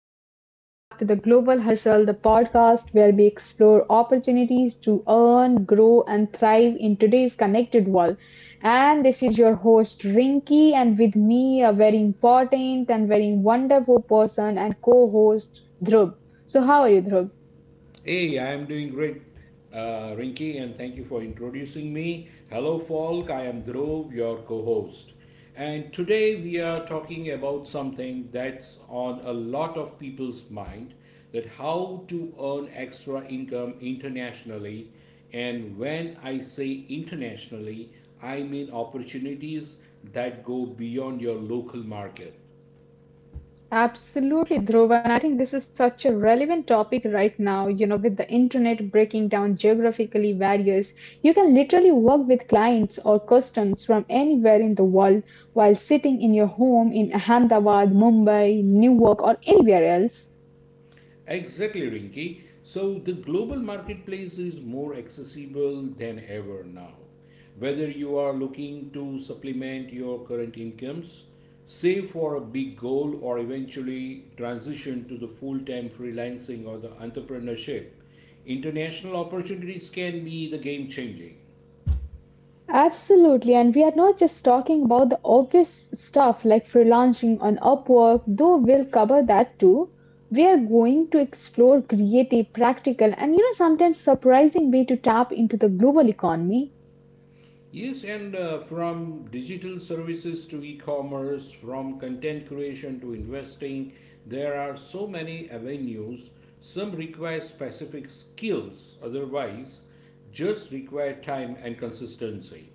and welcome back to the Global Hustle, the podcast where we explore opportunities to earn, grow, and thrive in today's connected world. And this is your host, Rinky, and with me, a very important and very wonderful person and co host, Dhrub. So, how are you, Dhrub? Hey, I am doing great, Rinky, and thank you for introducing me. Hello, folk. I am Dhruv, your co host. And today we are talking about something that's on a lot of people's mind that how to earn extra income internationally. And when I say internationally, I mean opportunities that go beyond your local market. Absolutely, Dhruva. And I think this is such a relevant topic right now, with the internet breaking down geographically barriers. You can literally work with clients or customers from anywhere in the world while sitting in your home in Ahmedabad, Mumbai, Newark, or anywhere else. Exactly, Rinky. So the global marketplace is more accessible than ever now. Whether you are looking to supplement your current incomes, save for a big goal, or eventually transition to the full time freelancing or the entrepreneurship, international opportunities can be the game changing. Absolutely, and we are not just talking about the obvious stuff like freelancing on Upwork, though we'll cover that too. We are going to explore creative, practical, and sometimes surprising way to tap into the global economy. Yes, and from digital services to e commerce, from content creation to investing, there are so many avenues. Some require specific skills, otherwise, just require time and consistency.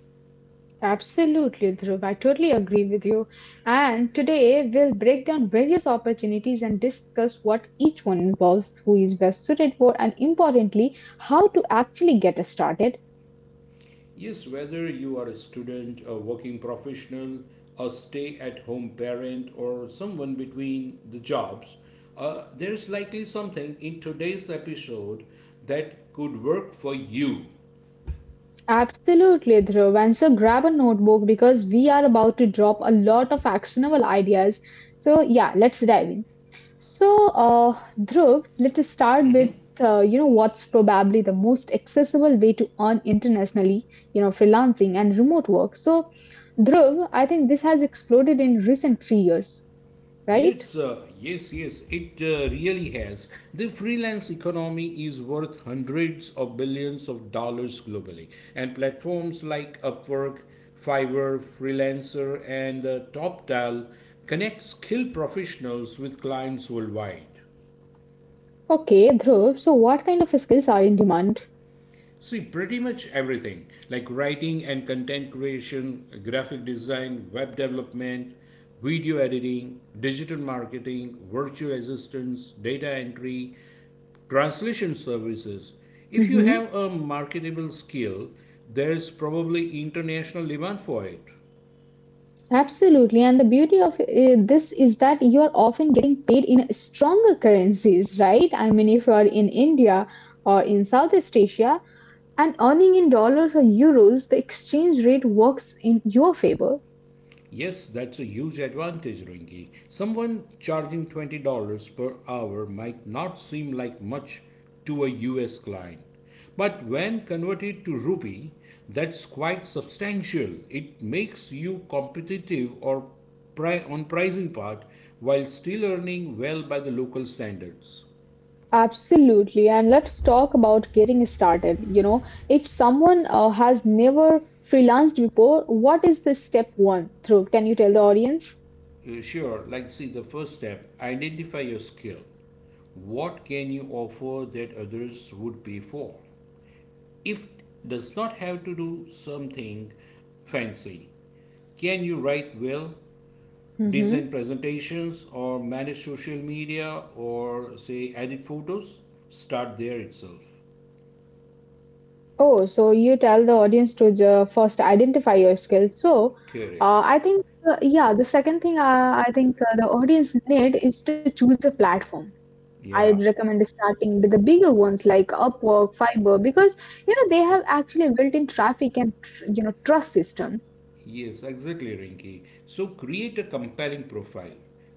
Absolutely, Dhruv. I totally agree with you. And today we'll break down various opportunities and discuss what each one involves, who is best suited for, and importantly, how to actually get started. Yes, whether you are a student, a working professional, a stay at home parent, or someone between the jobs, there is likely something in today's episode that could work for you. Absolutely, Dhruv. And so grab a notebook because we are about to drop a lot of actionable ideas. So yeah, let's dive in. So Dhruv, let's start with Mm-hmm. What's probably the most accessible way to earn internationally, freelancing and remote work. So Dhruv, I think this has exploded in recent 3 years, right? Yes, it really has. The freelance economy is worth hundreds of billions of dollars globally, and platforms like Upwork, Fiverr, Freelancer, and TopTal connect skilled professionals with clients worldwide. Okay, Dhruv. So what kind of skills are in demand? See, pretty much everything like writing and content creation, graphic design, web development, video editing, digital marketing, virtual assistants, data entry, translation services. If you Mm-hmm. have a marketable skill, there is probably international demand for it. Absolutely. And the beauty of this is that you are often getting paid in stronger currencies, right? I mean, if you are in India or in Southeast Asia and earning in dollars or euros, the exchange rate works in your favor. Yes, that's a huge advantage, Rinki. Someone charging $20 per hour might not seem like much to a US client. But when converted to rupee, that's quite substantial. It makes you competitive or on pricing part while still earning well by the local standards. Absolutely. And let's talk about getting started. If someone has never freelanced before, what is the step one through? Can you tell the audience? Sure, like see the first step, identify your skill. What can you offer that others would pay for? If does not have to do something fancy. Can you write well, design Mm-hmm. presentations or manage social media or say edit photos? Start there itself. Oh, so you tell the audience to first identify your skills. So, Correct. uh, I think, yeah, the second thing I think the audience need is to choose a platform. I'd Yeah. recommend starting with the bigger ones like Upwork, Fiverr, because they have actually built-in traffic and trust system. Yes, exactly, Rinki. So create a compelling profile.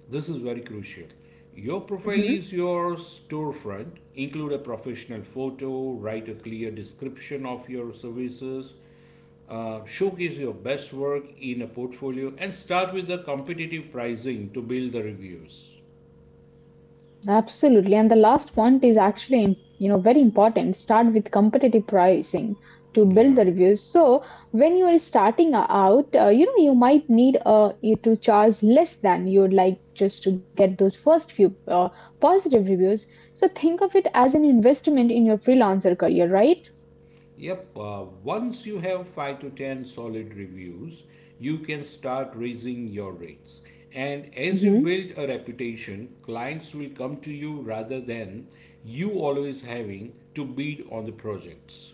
This is very crucial. Your profile is your storefront. Include a professional photo, write a clear description of your services, showcase your best work in a portfolio, and start with the competitive pricing to build the reviews. Absolutely. And the last point is actually, very important. Start with competitive pricing to Yeah. build the reviews. So when you are starting out, you might need you to charge less than you would like just to get those first few positive reviews. So think of it as an investment in your freelancer career, right? Yep, once you have 5 to 10 solid reviews, you can start raising your rates. And as you hmm build a reputation, clients will come to you rather than you always having to bid on the projects.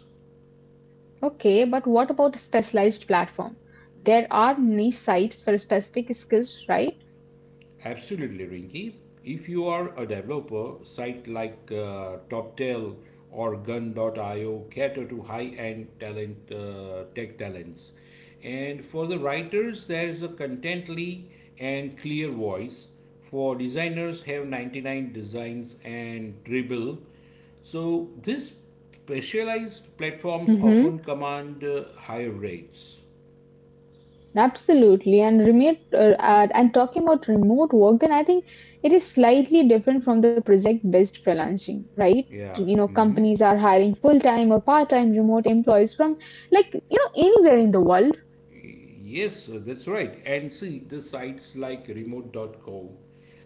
Okay, but what about a specialized platform? There are niche sites for specific skills, right? Absolutely, Rinky. If you are a developer, site like TopTel or Gun.io cater to high-end talent, tech talents. And for the writers, there's a contently and clear voice. For designers, have 99 designs and dribble. So these specialized platforms often command higher rates. Absolutely, and remote and talking about remote work, then I think it is slightly different from the project-based freelancing, right? Yeah. Mhm. Companies are hiring full-time or part-time remote employees from anywhere in the world. Yes, that's right. And see, the sites like remote.com,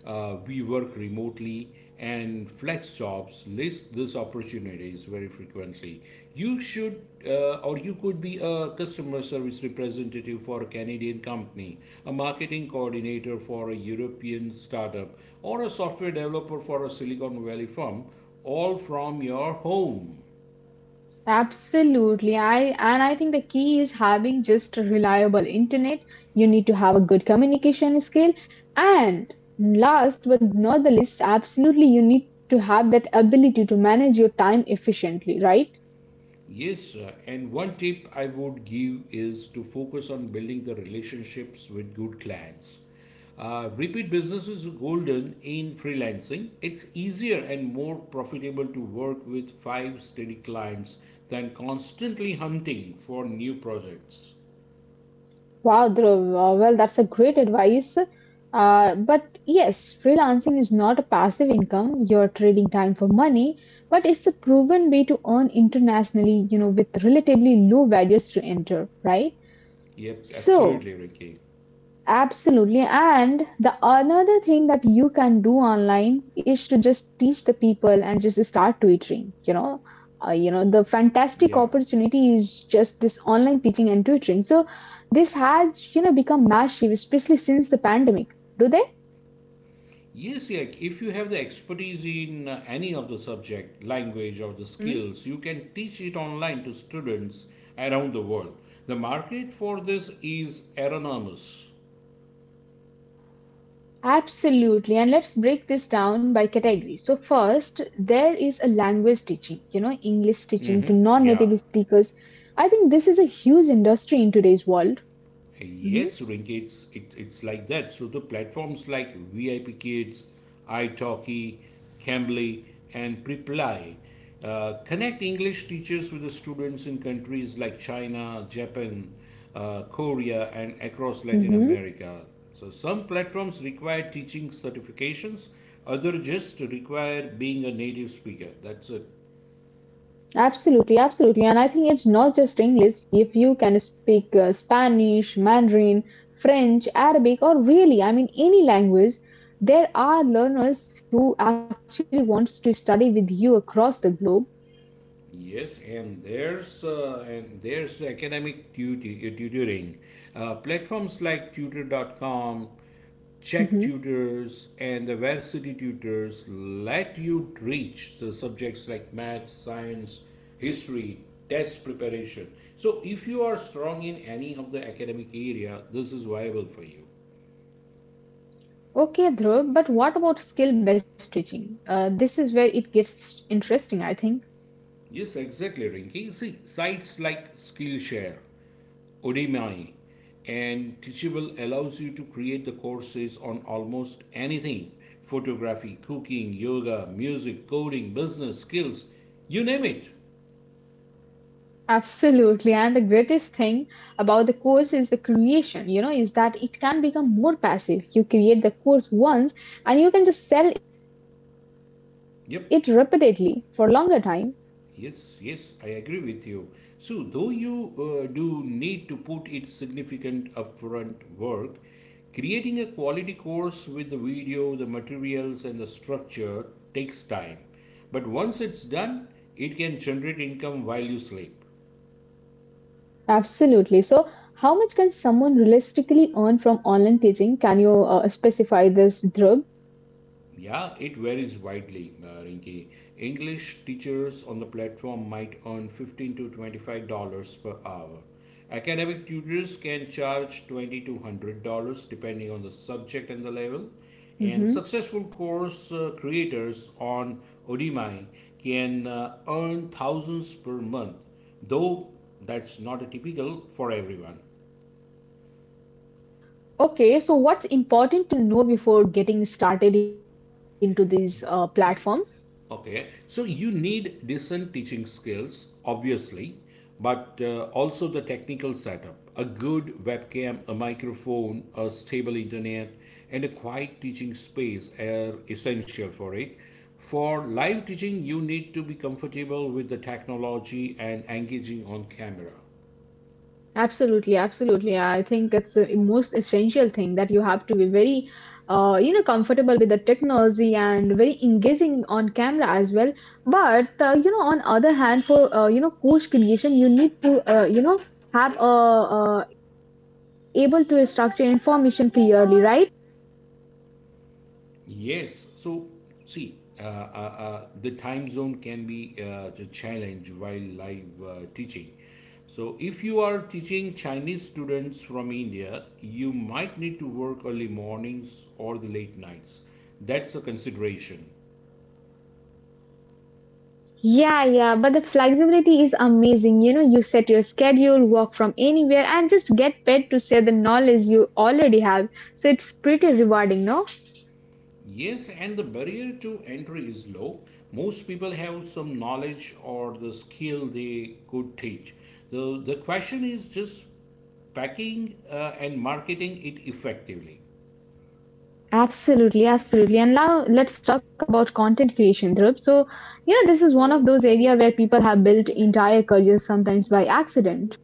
we work remotely, and flex jobs list these opportunities very frequently. Or you could be a customer service representative for a Canadian company, a marketing coordinator for a European startup, or a software developer for a Silicon Valley firm, all from your home. Absolutely, I think the key is having just a reliable internet. You need to have a good communication skill, and last but not the least, absolutely you need to have that ability to manage your time efficiently, right? Yes, sir. And one tip I would give is to focus on building the relationships with good clients. Repeat business is golden in freelancing. It's easier and more profitable to work with five steady clients than constantly hunting for new projects. Wow, Dhruv, well, that's a great advice. Uh, but yes, freelancing is not a passive income. You're trading time for money, but it's a proven way to earn internationally, with relatively low barriers to enter, right? Yep, So, absolutely, Ricky. absolutely. And the another thing that you can do online is to just teach the people and just start tutoring. The fantastic Yeah. opportunity is just this online teaching and tutoring. So this has become massive, especially since the pandemic. Do they? Yes, yeah. If you have the expertise in any of the subject, language, or the hmm skills, you can teach it online to students around the world. The market for this is enormous. Absolutely. And let's break this down by category. So, first, there is a language teaching, English teaching to non Yeah. native speakers. I think this is a huge industry in today's world. Hmm Yes, Rinky, it's like that. So the platforms like VIP Kids, iTalki, Cambly, and Preply connect English teachers with the students in countries like China, Japan, Korea, and across Latin America. So some platforms require teaching certifications, other just require being a native speaker. That's a… Absolutely, absolutely. And I think it's not just English. If you can speak Spanish, Mandarin, French, Arabic, or really, I mean, any language, there are learners who actually wants to study with you across the globe. Yes, and there's academic tutoring. Platforms like tutor.com, hmm Check Tutors, and the Varsity Tutors let you reach the subjects like math, science, history, test preparation. So if you are strong in any of the academic area, this is viable for you. Okay, Dhruv, but what about skill-based teaching? This is where it gets interesting, I think. Yes, exactly, Rinky. See, sites like Skillshare, Udemy, and Teachable allows you to create the courses on almost anything: photography, cooking, yoga, music, coding, business, skills, you name it. Absolutely. And the greatest thing about the course is the creation, is that it can become more passive. You create the course once and you can just sell it repeatedly for longer Yep, time. yes, I agree with you. So, though you do need to put in significant upfront work, creating a quality course with the video, the materials, and the structure takes time. But once it's done, it can generate income while you sleep. Absolutely. So, how much can someone realistically earn from online teaching? Can you specify this, Dhruv? Yeah, it varies widely, Rinki. English teachers on the platform might earn 15 to $25 per hour. Academic tutors can charge 20 to $100 depending on the subject and the level. And hmm successful course creators on Udemy can earn thousands per month, though that's not a typical for everyone. Okay, so what's important to know before getting started into these platforms? E- Okay, so you need decent teaching skills, obviously, but also the technical setup: a good webcam, a microphone, a stable internet, and a quiet teaching space are essential for it. For live teaching, you need to be comfortable with the technology and engaging on camera. Absolutely, absolutely. I think it's the most essential thing that you have to be very comfortable with the technology and very engaging on camera as well, but on other hand for course creation you need to have a able to structure information clearly, right? Yes. So, see, the time zone can be a challenge while live teaching. So, if you are teaching Chinese students from India, you might need to work early mornings or the late nights. That's a consideration. Yeah, yeah, but the flexibility is amazing, you set your schedule, work from anywhere and just get paid to share the knowledge you already have. So it's pretty rewarding, no? Yes, and the barrier to entry is low. Most people have some knowledge or the skill they could teach. So, the question is just packing and marketing it effectively. Absolutely, absolutely. And now let's talk about content creation, Dhruv. So, this is one of those areas where people have built entire careers sometimes by accident.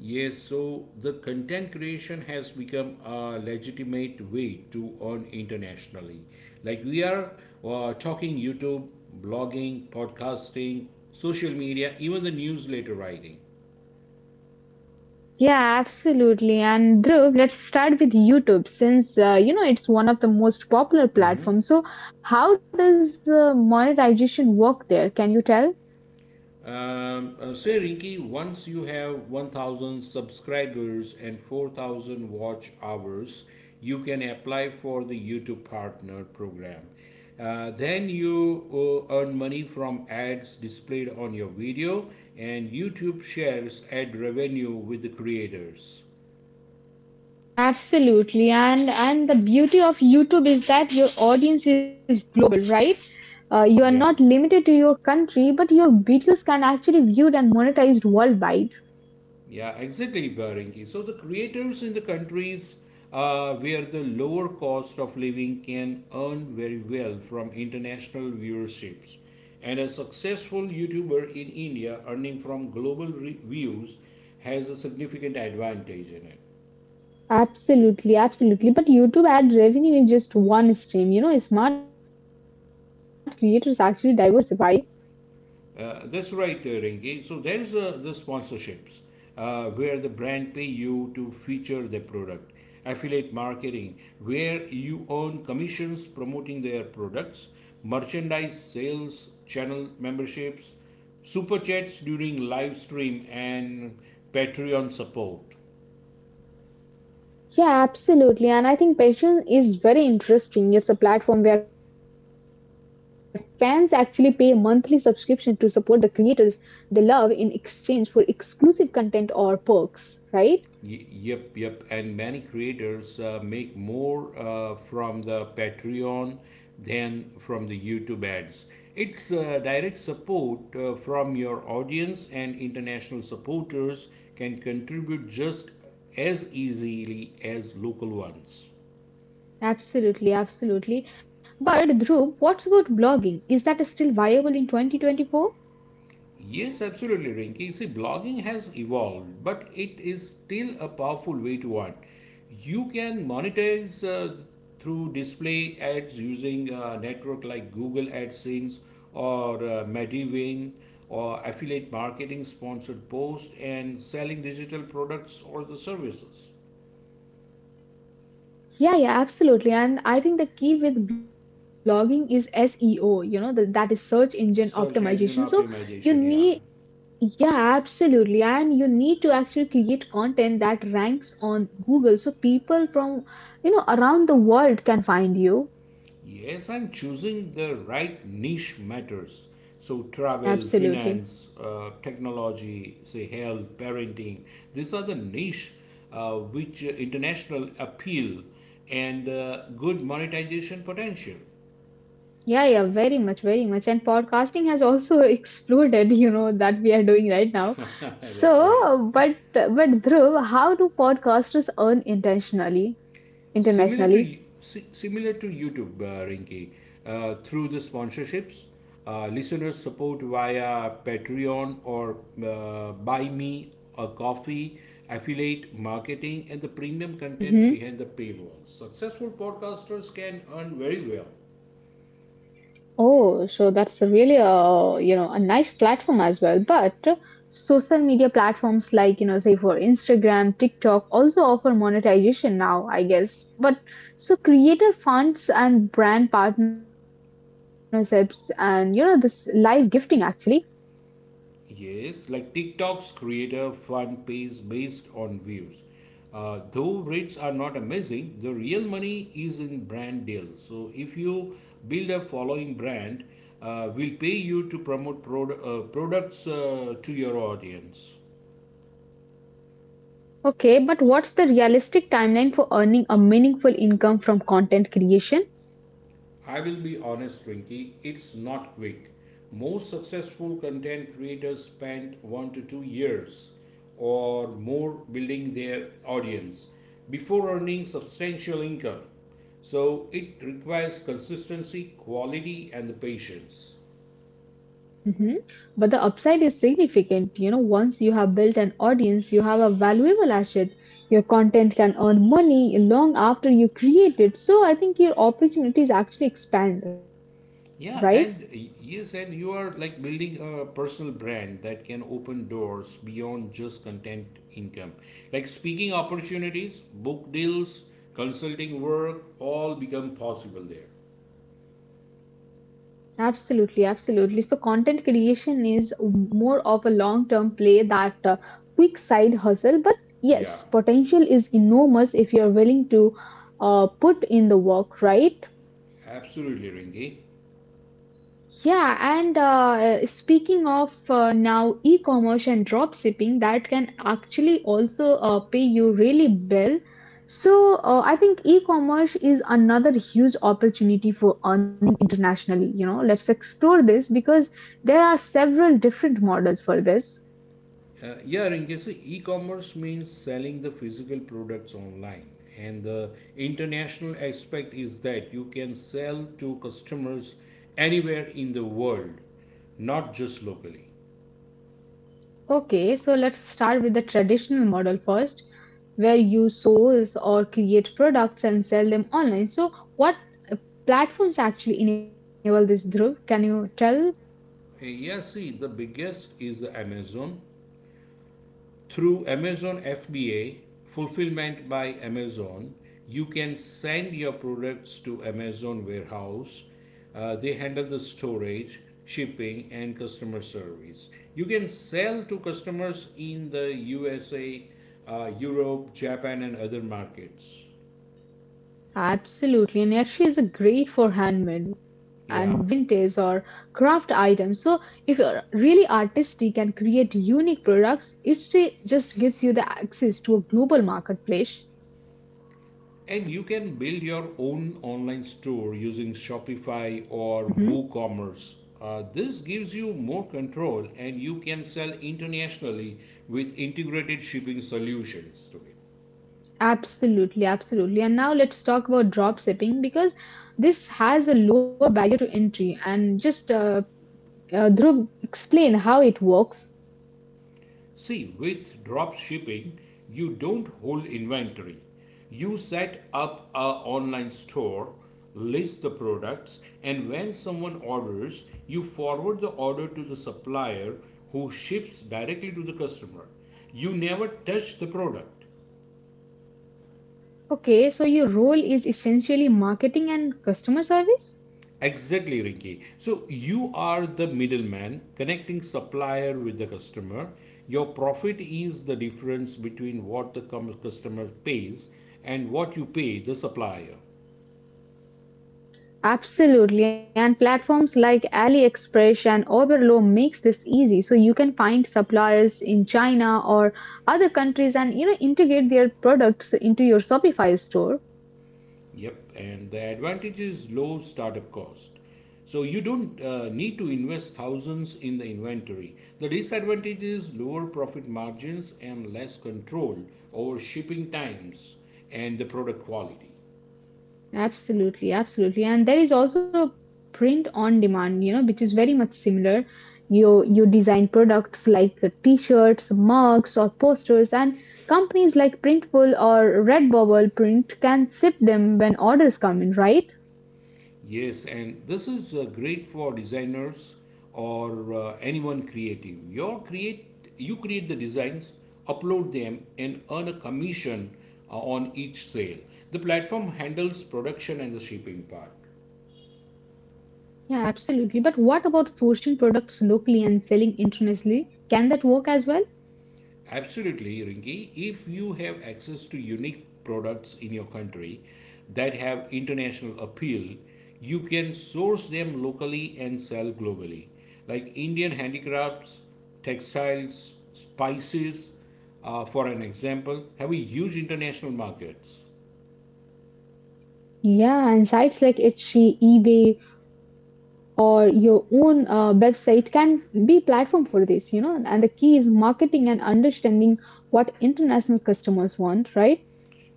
Yes, so the content creation has become a legitimate way to earn internationally. Like we are talking YouTube, blogging, podcasting, social media, even the newsletter writing. Yeah, absolutely. And Dhruv, let's start with YouTube since, it's one of the most popular platforms. So, how does monetization work there? Can you tell? Say, Rinky, once you have 1,000 subscribers and 4,000 watch hours, you can apply for the YouTube Partner program. Then you earn money from ads displayed on your video, and YouTube shares ad revenue with the creators. Absolutely. And the beauty of YouTube is that your audience is global, right? You are not Yeah. limited to your country, but your videos can actually be viewed and monetized worldwide. Yeah, exactly, Barinki. So the creators in the countries where the lower cost of living can earn very well from international viewerships, and a successful YouTuber in India earning from global views has a significant advantage in it. Absolutely, absolutely. But YouTube ad revenue is just one stream. Smart creators actually diversify. That's right, Rinki. So there is the sponsorships where the brand pay you to feature their product. Affiliate marketing where you earn commissions promoting their products, merchandise sales, channel memberships, super chats during live stream, and Patreon support. Yeah, absolutely. And I think Patreon is very interesting. It's a platform where fans actually pay a monthly subscription to support the creators they love in exchange for exclusive content or perks, right? Yep. And many creators make more from the Patreon than from the YouTube ads. It's direct support from your audience, and international supporters can contribute just as easily as local ones. Absolutely, absolutely. But Dhruv, what's about blogging? Is that still viable in 2024? Yes, absolutely, Rinki. See, blogging has evolved, but it is still a powerful way to earn. You can monetize through display ads using a network like Google AdSense or Medivine, or affiliate marketing, sponsored posts, and selling digital products or the services. Yeah, yeah, absolutely. And I think the key with blogging is SEO, that is search engine optimization. Search So engine you need. optimization, yeah. Yeah, absolutely. And you need to actually create content that ranks on Google so people from, around the world can find you. Yes, and choosing the right niche matters. So, travel, Absolutely. finance, technology, say health, parenting, these are the niche which international appeal and good monetization potential. Yeah, yeah, very much, very much. And podcasting has also exploded, that we are doing right now. That's right. So, but Dhruv, how do podcasters earn similar to internationally? similar to YouTube, Rinky, through the sponsorships, listeners support via Patreon or Buy Me a Coffee, affiliate marketing, and the premium content Mm-hmm. behind the paywall. Successful podcasters can earn very well. Oh, so that's really a, a nice platform as well. But social media platforms like, say for Instagram, TikTok also offer monetization now, I guess. But so creator funds and brand partnerships and, this live gifting actually. Yes, like TikTok's creator fund pays based on views. Though rates are not amazing, the real money is in brand deals. So if you build a following brand, will pay you to promote products to your audience. Okay, but what's the realistic timeline for earning a meaningful income from content creation? I will be honest, Rinky, it's not quick. Most successful content creators spend 1 to 2 years or more building their audience before earning substantial income. So it requires consistency, quality, and the patience. Mhm. But the upside is significant. Once you have built an audience, you have a valuable asset. Your content can earn money long after you create it. So I think your opportunities actually expand, right? And you are like building a personal brand that can open doors beyond just content income. Like speaking opportunities, book deals, consulting work, all become possible there. Absolutely, absolutely. So content creation is more of a long term play that quick side hustle. But Yeah, yes, potential is enormous if you're willing to put in the work, right? absolutely, Rinki. Yeah, and speaking of now e-commerce and drop shipping, that can actually also pay you really well. So I think e-commerce is another huge opportunity for earning internationally. Let's explore this because there are several different models for this. Yeah, Rinki, so e commerce means selling the physical products online. And the international aspect is that you can sell to customers anywhere in the world, not just locally. Okay, so let's start with the traditional model first, where you source or create products and sell them online. So, what uh, platforms actually enable this, Dhruv? Can you tell? Yeah, see, the biggest is the Amazon. Through Amazon FBA, fulfillment by Amazon, you can send your products to Amazon warehouse. They handle the storage, shipping, and customer service. You can sell to customers in the USA, Europe, Japan, and other markets. Absolutely, and actually, is great for handmade and Yeah. vintage or craft items. So, if you're really artistic and create unique products, it just gives you the access to a global marketplace. And you can build your own online store using Shopify or Mm-hmm. WooCommerce. This gives you more control and you can sell internationally with integrated shipping solutions to it. Absolutely, absolutely. And now let's talk about drop shipping because this has a lower barrier to entry. And just Dhruv, explain how it works. See, with drop shipping, you don't hold inventory. You set up a online store, list the products, and when someone orders, you forward the order to the supplier who ships directly to the customer. You never touch the product. Okay, so your role is essentially marketing and customer service? Exactly, Rinky. So you are the middleman connecting supplier with the customer. Your profit is the difference between what the customer pays and what you pay the supplier. Absolutely. And platforms like AliExpress and Oberlo makes this easy. So you can find suppliers in China or other countries and integrate their products into your Shopify store. Yep, and the advantage is low startup cost. So you don't need to invest thousands in the inventory. The disadvantage is lower profit margins and less control over shipping times and the product quality. Absolutely, absolutely. And there is also a print on demand, which is very much similar. You design products like the t-shirts, mugs, or posters, and companies like Printful or Redbubble Print can ship them when orders come in, right? Yes, and this is great for designers or anyone creative. You create the designs, upload them, and earn a commission on each sale. The platform handles production and the shipping part. Yeah, absolutely. But what about sourcing products locally and selling internationally? Can that work as well? Absolutely, Rinki. If you have access to unique products in your country that have international appeal, you can source them locally and sell globally. Like Indian handicrafts, textiles, spices, for an example, have a huge international markets. Yeah, and sites like Etsy, eBay, or your own website can be platform for this, And the key is marketing and understanding what international customers want, right?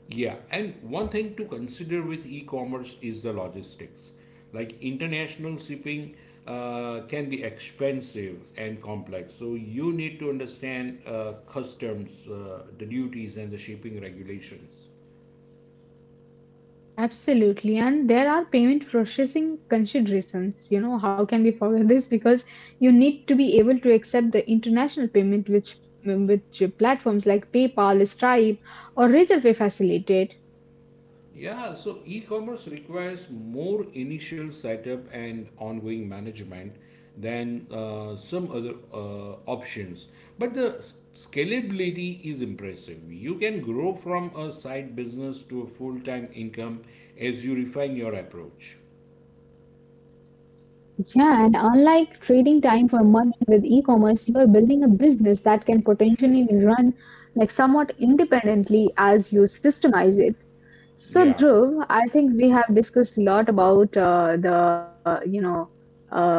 Yeah, and one thing to consider with e-commerce is the logistics. Like international shipping can be expensive and complex, so you need to understand customs, the duties, and the shipping regulations. Absolutely. And there are payment processing considerations. How can we forget this? Because you need to be able to accept the international payment which platforms like PayPal, Stripe, or Razorpay facilitate. Yeah, so e-commerce requires more initial setup and ongoing management than some other options. But the scalability is impressive. You can grow from a side business to a full-time income as you refine your approach. Yeah, and unlike trading time for money with e-commerce, you are building a business that can potentially run like somewhat independently as you systemize it. So, Yeah, Dhruv, I think we have discussed a lot about uh,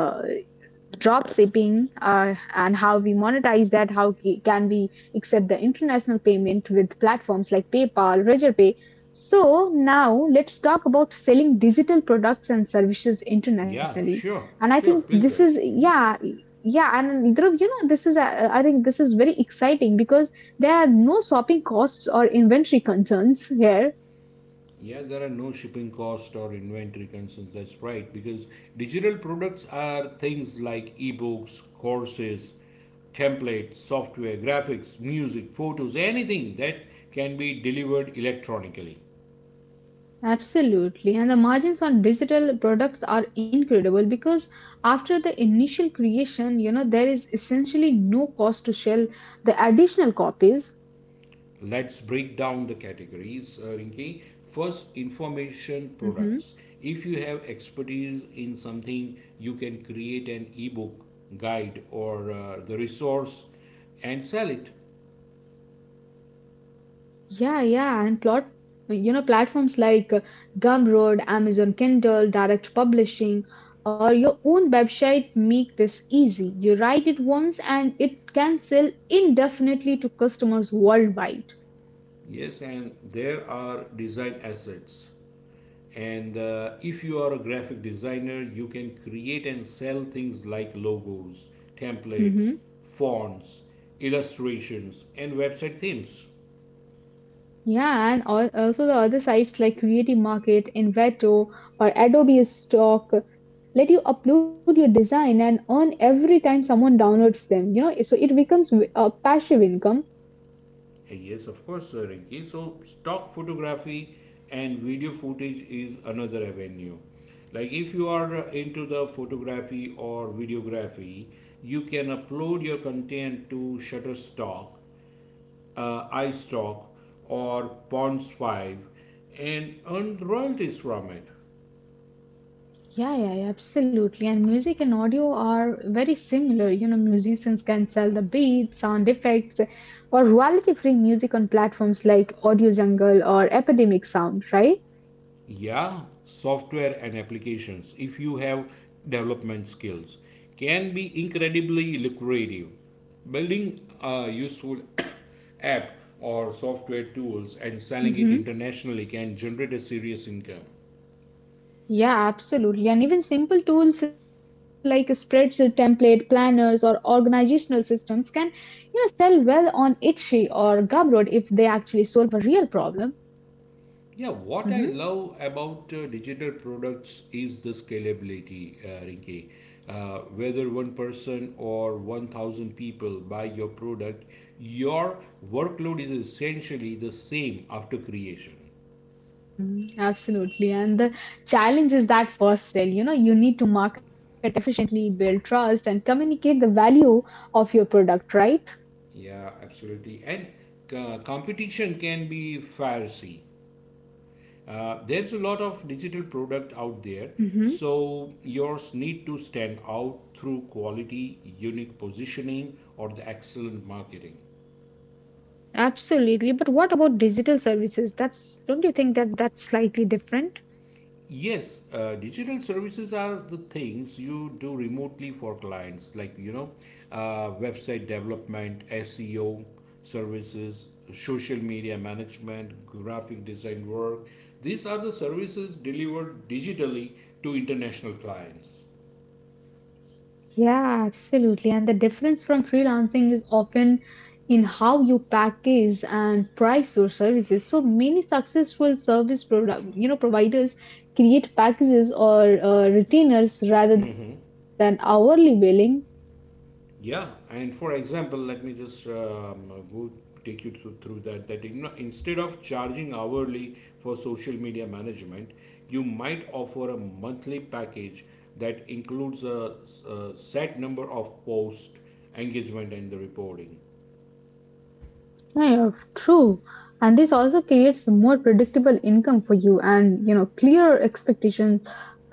drop shipping, and how we monetize that, how can we accept the international payment with platforms like PayPal, Razorpay. So now let's talk about selling digital products and services yeah, internationally. sure, And I think sure. this Please go is, ahead. yeah. Yeah, and Dhruv, you know, this is I think this is very exciting because there are no shopping costs or inventory concerns here. Yeah, there are no shipping cost or inventory concerns. That's right, because digital products are things like ebooks, courses, templates, software, graphics, music, photos, anything that can be delivered electronically. Absolutely. And the margins on digital products are incredible because after the initial creation, you know, there is essentially no cost to sell the additional copies. Let's break down the categories, Rinki. First, information Hmm. products. If you have expertise in something, you can create an ebook, guide, or the resource and sell it. Yeah, yeah. And platforms like Gumroad, Amazon Kindle, Direct Publishing, or your own website make this easy. You write it once and it can sell indefinitely to customers worldwide. Yes, and there are design assets. And if you are a graphic designer, you can create and sell things like logos, templates, Mm-hmm. fonts, illustrations, and website themes. Yeah, and also the other sites like Creative Market, Envato, or Adobe Stock let you upload your design and earn every time someone downloads them. You know, so it becomes a passive income. Yes, of course, Rinki. So, stock photography and video footage is another avenue. Like, if you are into the photography or videography, you can upload your content to Shutterstock iStock or Bonds 5 and earn royalties from it. Yeah, yeah, yeah, absolutely. And music and audio are very similar. You know, musicians can sell the beats, sound effects, or royalty-free music on platforms like Audio Jungle or Epidemic Sound, right? Yeah, software and applications, if you have development skills, can be incredibly lucrative. Building a useful app or software tools and selling it internationally can generate a serious income. Yeah, absolutely. And even simple tools like spreadsheet template planners or organizational systems can, you know, sell well on Itchy or Gumroad if they actually solve a real problem. Yeah, what Hmm. I love about digital products is the scalability, Rinki. Whether one person or 1,000 people buy your product, your workload is essentially the same after creation. Mhm. Absolutely. And the challenge is that first sale. You know, you need to market efficiently, build trust, and communicate the value of your product, right? Yeah, absolutely. And competition can be fierce. There's a lot of digital product out there, Hmm. so yours need to stand out through quality, unique positioning, or the excellent marketing. Absolutely. But what about digital services? That's, don't you think that that's slightly different? Yes, digital services are the things you do remotely for clients, like you know, website development, SEO services, social media management, graphic design work. These are the services delivered digitally to international clients. Yeah, absolutely. And the difference from freelancing is often in how you package and price your services. So many successful service produ- you know providers create packages or retainers rather than hourly billing. Yeah, and for example, let me just go take you through that. That you know, instead of charging hourly for social media management, you might offer a monthly package that includes a set number of posts, engagement, and the reporting. Yeah, true. And this also creates more predictable income for you, and you know, clear expectations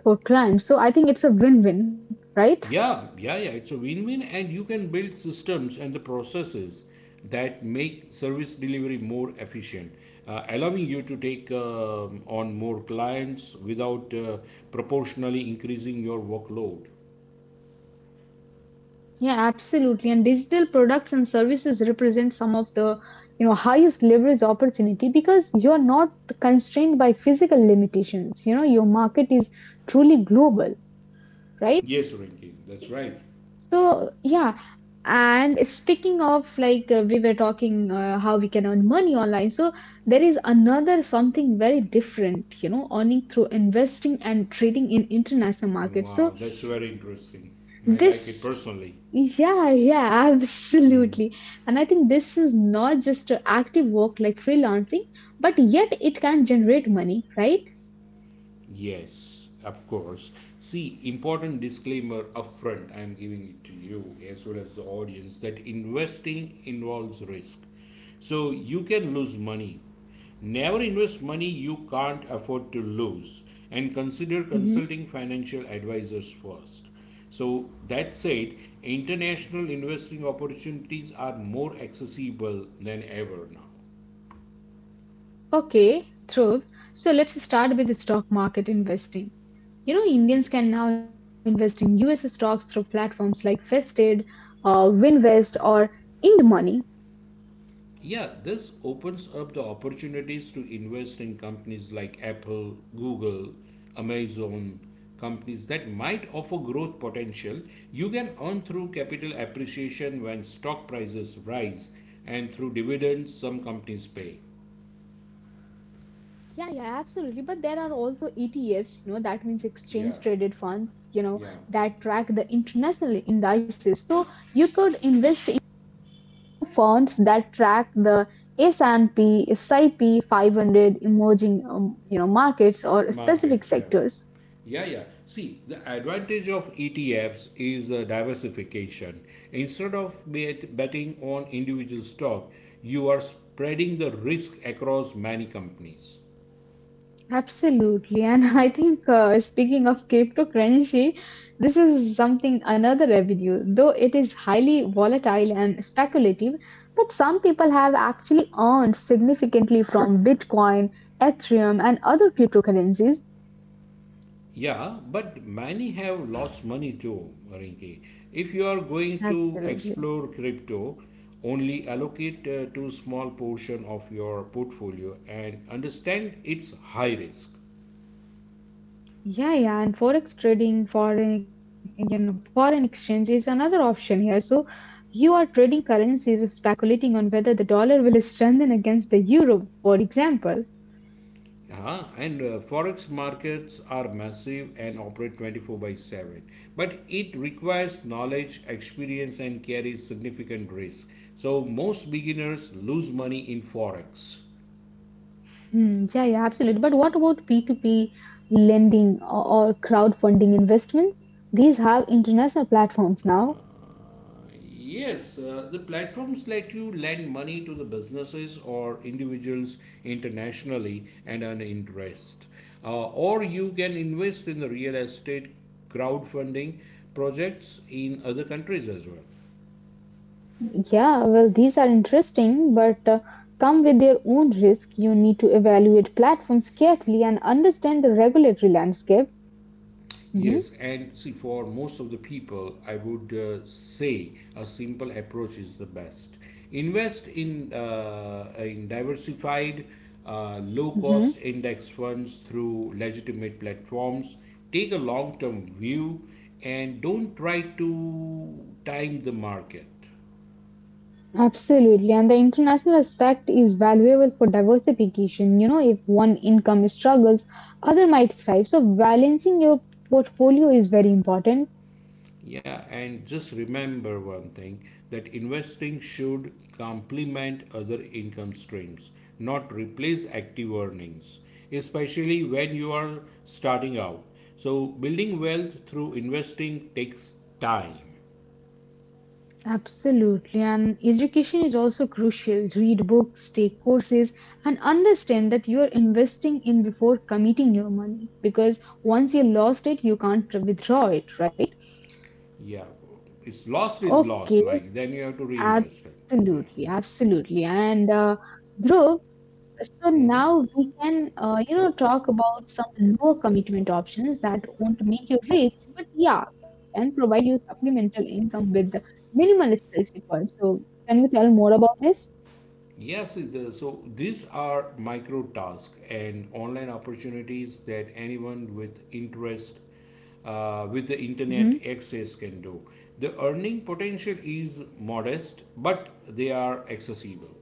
for clients. So I think it's a win-win, right? Yeah, yeah, yeah. It's a win win, and you can build systems and the processes that make service delivery more efficient, allowing you to take on more clients without proportionally increasing your workload. Yeah, absolutely. And digital products and services represent some of the, you know, highest leverage opportunity because you're not constrained by physical limitations. You know, your market is truly global, right? Yes, Renki, that's So right. yeah, and speaking of, we were talking how we can earn money online, so there is another something very different, you know, earning through investing and trading in international markets. So Wow, that's very interesting. this, I like it yeah, personally. yeah, absolutely. And I think this is not just a active work like freelancing, but yet it can generate money, right? Yes, of course. See, important disclaimer upfront, I am giving it to you as well as the audience that investing involves risk. So you can lose money. Never invest money you can't afford to lose and consider Hmm. consulting financial advisors first. So that said, international investing opportunities are more accessible than ever now. Okay, Dhruv. So let's start with the stock market investing. You know, Indians can now invest in US stocks through platforms like Vested, Winvest, or IndMoney. Yeah, this opens up the opportunities to invest in companies like Apple, Google, Amazon, companies that might offer growth potential. You can earn through capital appreciation when stock prices rise and through dividends some companies pay. Yeah, yeah, absolutely. But there are also ETFs, you know, that means Yeah, exchange traded funds, you know, yeah. that track the international indices. So you could invest in, you know, funds that track the s and P, S I 500 emerging, you know, markets or specific Markets, yeah. sectors. Yeah, yeah. See, the advantage of ETFs is diversification. Instead of betting on individual stock, you are spreading the risk across many companies. Absolutely. And I Yeah. think speaking of cryptocurrency, this is something another revenue, though it is highly volatile and speculative. But some people have actually earned significantly from Bitcoin, Ethereum, and other cryptocurrencies. Yeah, but many have lost money too, Rinki. If you are going to Absolutely. explore crypto, only allocate to small portion of your portfolio and understand its high risk. Yeah, yeah. And forex trading, foreign, you know, foreign exchange is another option here. So you are trading currencies, speculating on whether the dollar will strengthen against the euro, for example. And Forex markets are massive and operate 24 by 7, but it requires knowledge experience and carries significant risk, so most beginners lose money in forex. Hmm, yeah, yeah, absolutely. But what about P2P lending or crowdfunding investments? These have international platforms now. uh, yes the platforms let you lend money to the businesses or individuals internationally and earn interest. Or you can invest in the real estate crowdfunding projects in other countries as well. Yeah, well, these are interesting, but come with their own risk. You need to evaluate platforms carefully and understand the regulatory landscape. Hmm. Yes, and see, for most of the people, I would say a simple approach is the best. Invest in diversified, Hmm. low-cost index funds through legitimate platforms. Take a long-term view, and don't try to time the market. Absolutely. And the international aspect is valuable for diversification. You know, if one income struggles, other might thrive. So balancing your portfolio is very important. Yeah, and just remember one thing that investing should complement other income streams, not replace active earnings, especially when you are starting out. So, building wealth through investing takes time. Absolutely. And education is also crucial. Read books, take courses, and understand that you are investing in before committing your money, because once you lost it, you can't withdraw it, right? Yeah, it's lost is lost, Okay, like then you have to reinvest it. Yeah. absolutely, absolutely. And Dhruv, so now we can, you know, talk about some lower commitment options that won't make you rich, but yeah, can provide you supplemental income with the minimal skills required. So, can you tell more about this? Yes, so these are micro tasks and online opportunities that anyone with interest with the internet Mhm. access can do. The earning potential is modest, but they are accessible.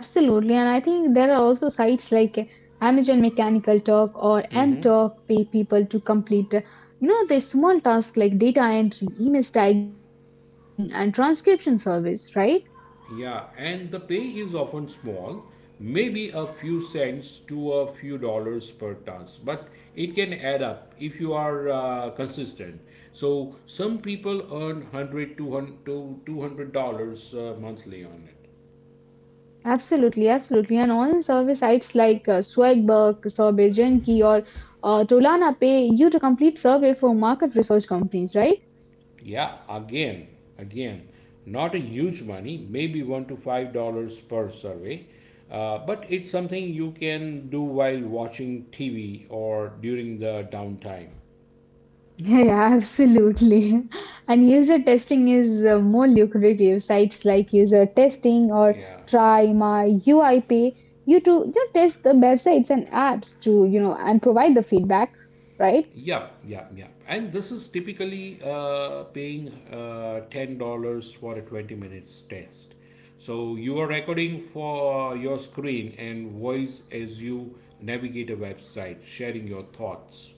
Absolutely. And I think there are also sites like Amazon Mechanical Turk or Mhm. mTurk pay people to complete, you know, the small tasks like data entry, image tagging, and transcription service, right? Yeah, and the pay is often small, maybe a few cents to a few dollars per task, but it can add up if you are consistent. So some people earn 100 200 to $200 monthly on it. Absolutely, absolutely. And online service sites like Swagbuck, Survey Junkie, or Tolana pay you to complete survey for market research companies, right? Yeah, again, again, not a huge money, maybe 1 to $5 per survey. But it's something you can do while watching TV or during the downtime. Yeah, yeah, absolutely. And user testing is more lucrative. Sites like user testing or Yeah. try my UiPay, you to, you know, test the websites and apps to, you know, and provide the feedback, right? Yep, yep, yep. And this is typically paying $10 for a 20 minutes test. So you are recording for your screen and voice as you navigate a website, sharing your thoughts.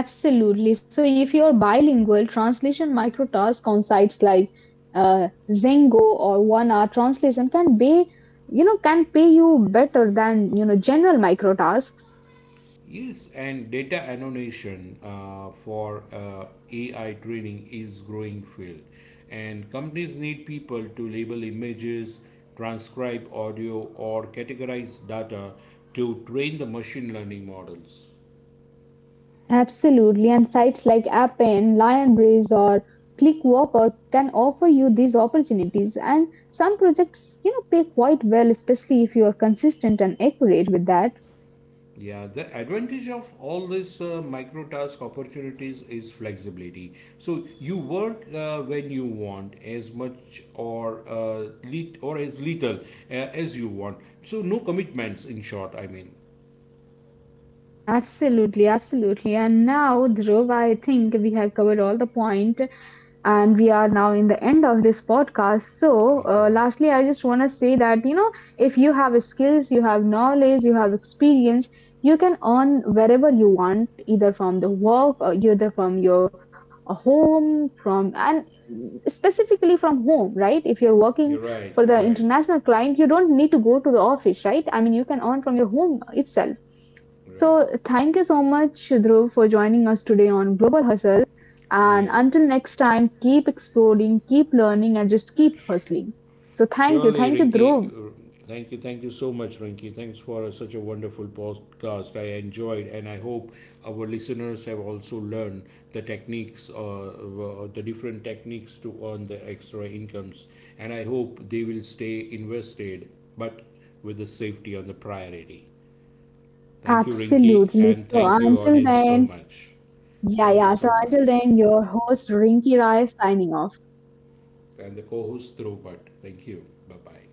Absolutely. So if you're bilingual, translation microtask on sites like Zengo or One Hour Translation can be, you know, can pay you better than, you know, general microtasks. Yes, and data annotation for AI training is growing field, and companies need people to label images, transcribe audio, or categorize data to train the machine learning models. Absolutely, and sites like Appen, Lionbridge, or Clickworker can offer you these opportunities. And some projects, you know, pay quite well, especially if you are consistent and accurate with that. Yeah, the advantage of all this micro task opportunities is flexibility. So you work when you want, as much or lit or as little as you want. So no commitments. In short, I mean. Absolutely, absolutely. And now, Dhruv, I think we have covered all the point. And we are now in the end of this podcast, so Okay. Lastly I just want to say that, you know, if you have skills, you have knowledge, you have experience, you can earn wherever you want, either from the work or either from your home from and specifically from home, right? If you're working You're right. for You're the right. international client, you don't need to go to the office, right? I mean, you can earn from your home itself. Right. So thank you so much, Dhruv, for joining us today on Global Hustle. Yeah. And until next time, keep exploring, keep learning, and just keep hustling. So thank you. Surely, Thank you, Rinky. Dhruv. Thank you. Thank you so much, Rinky. Thanks for such a wonderful podcast. I enjoyed, and I hope our listeners have also learned the techniques, the different techniques to earn the extra incomes. And I hope they will stay invested, but with the safety on the priority. Thank you, Rinky, Absolutely. and So thank you, until audience, so then, much. yeah, Thank you yeah. So so until much. then, your host Rinky Rai signing off. And the co host through, but thank you. Bye bye.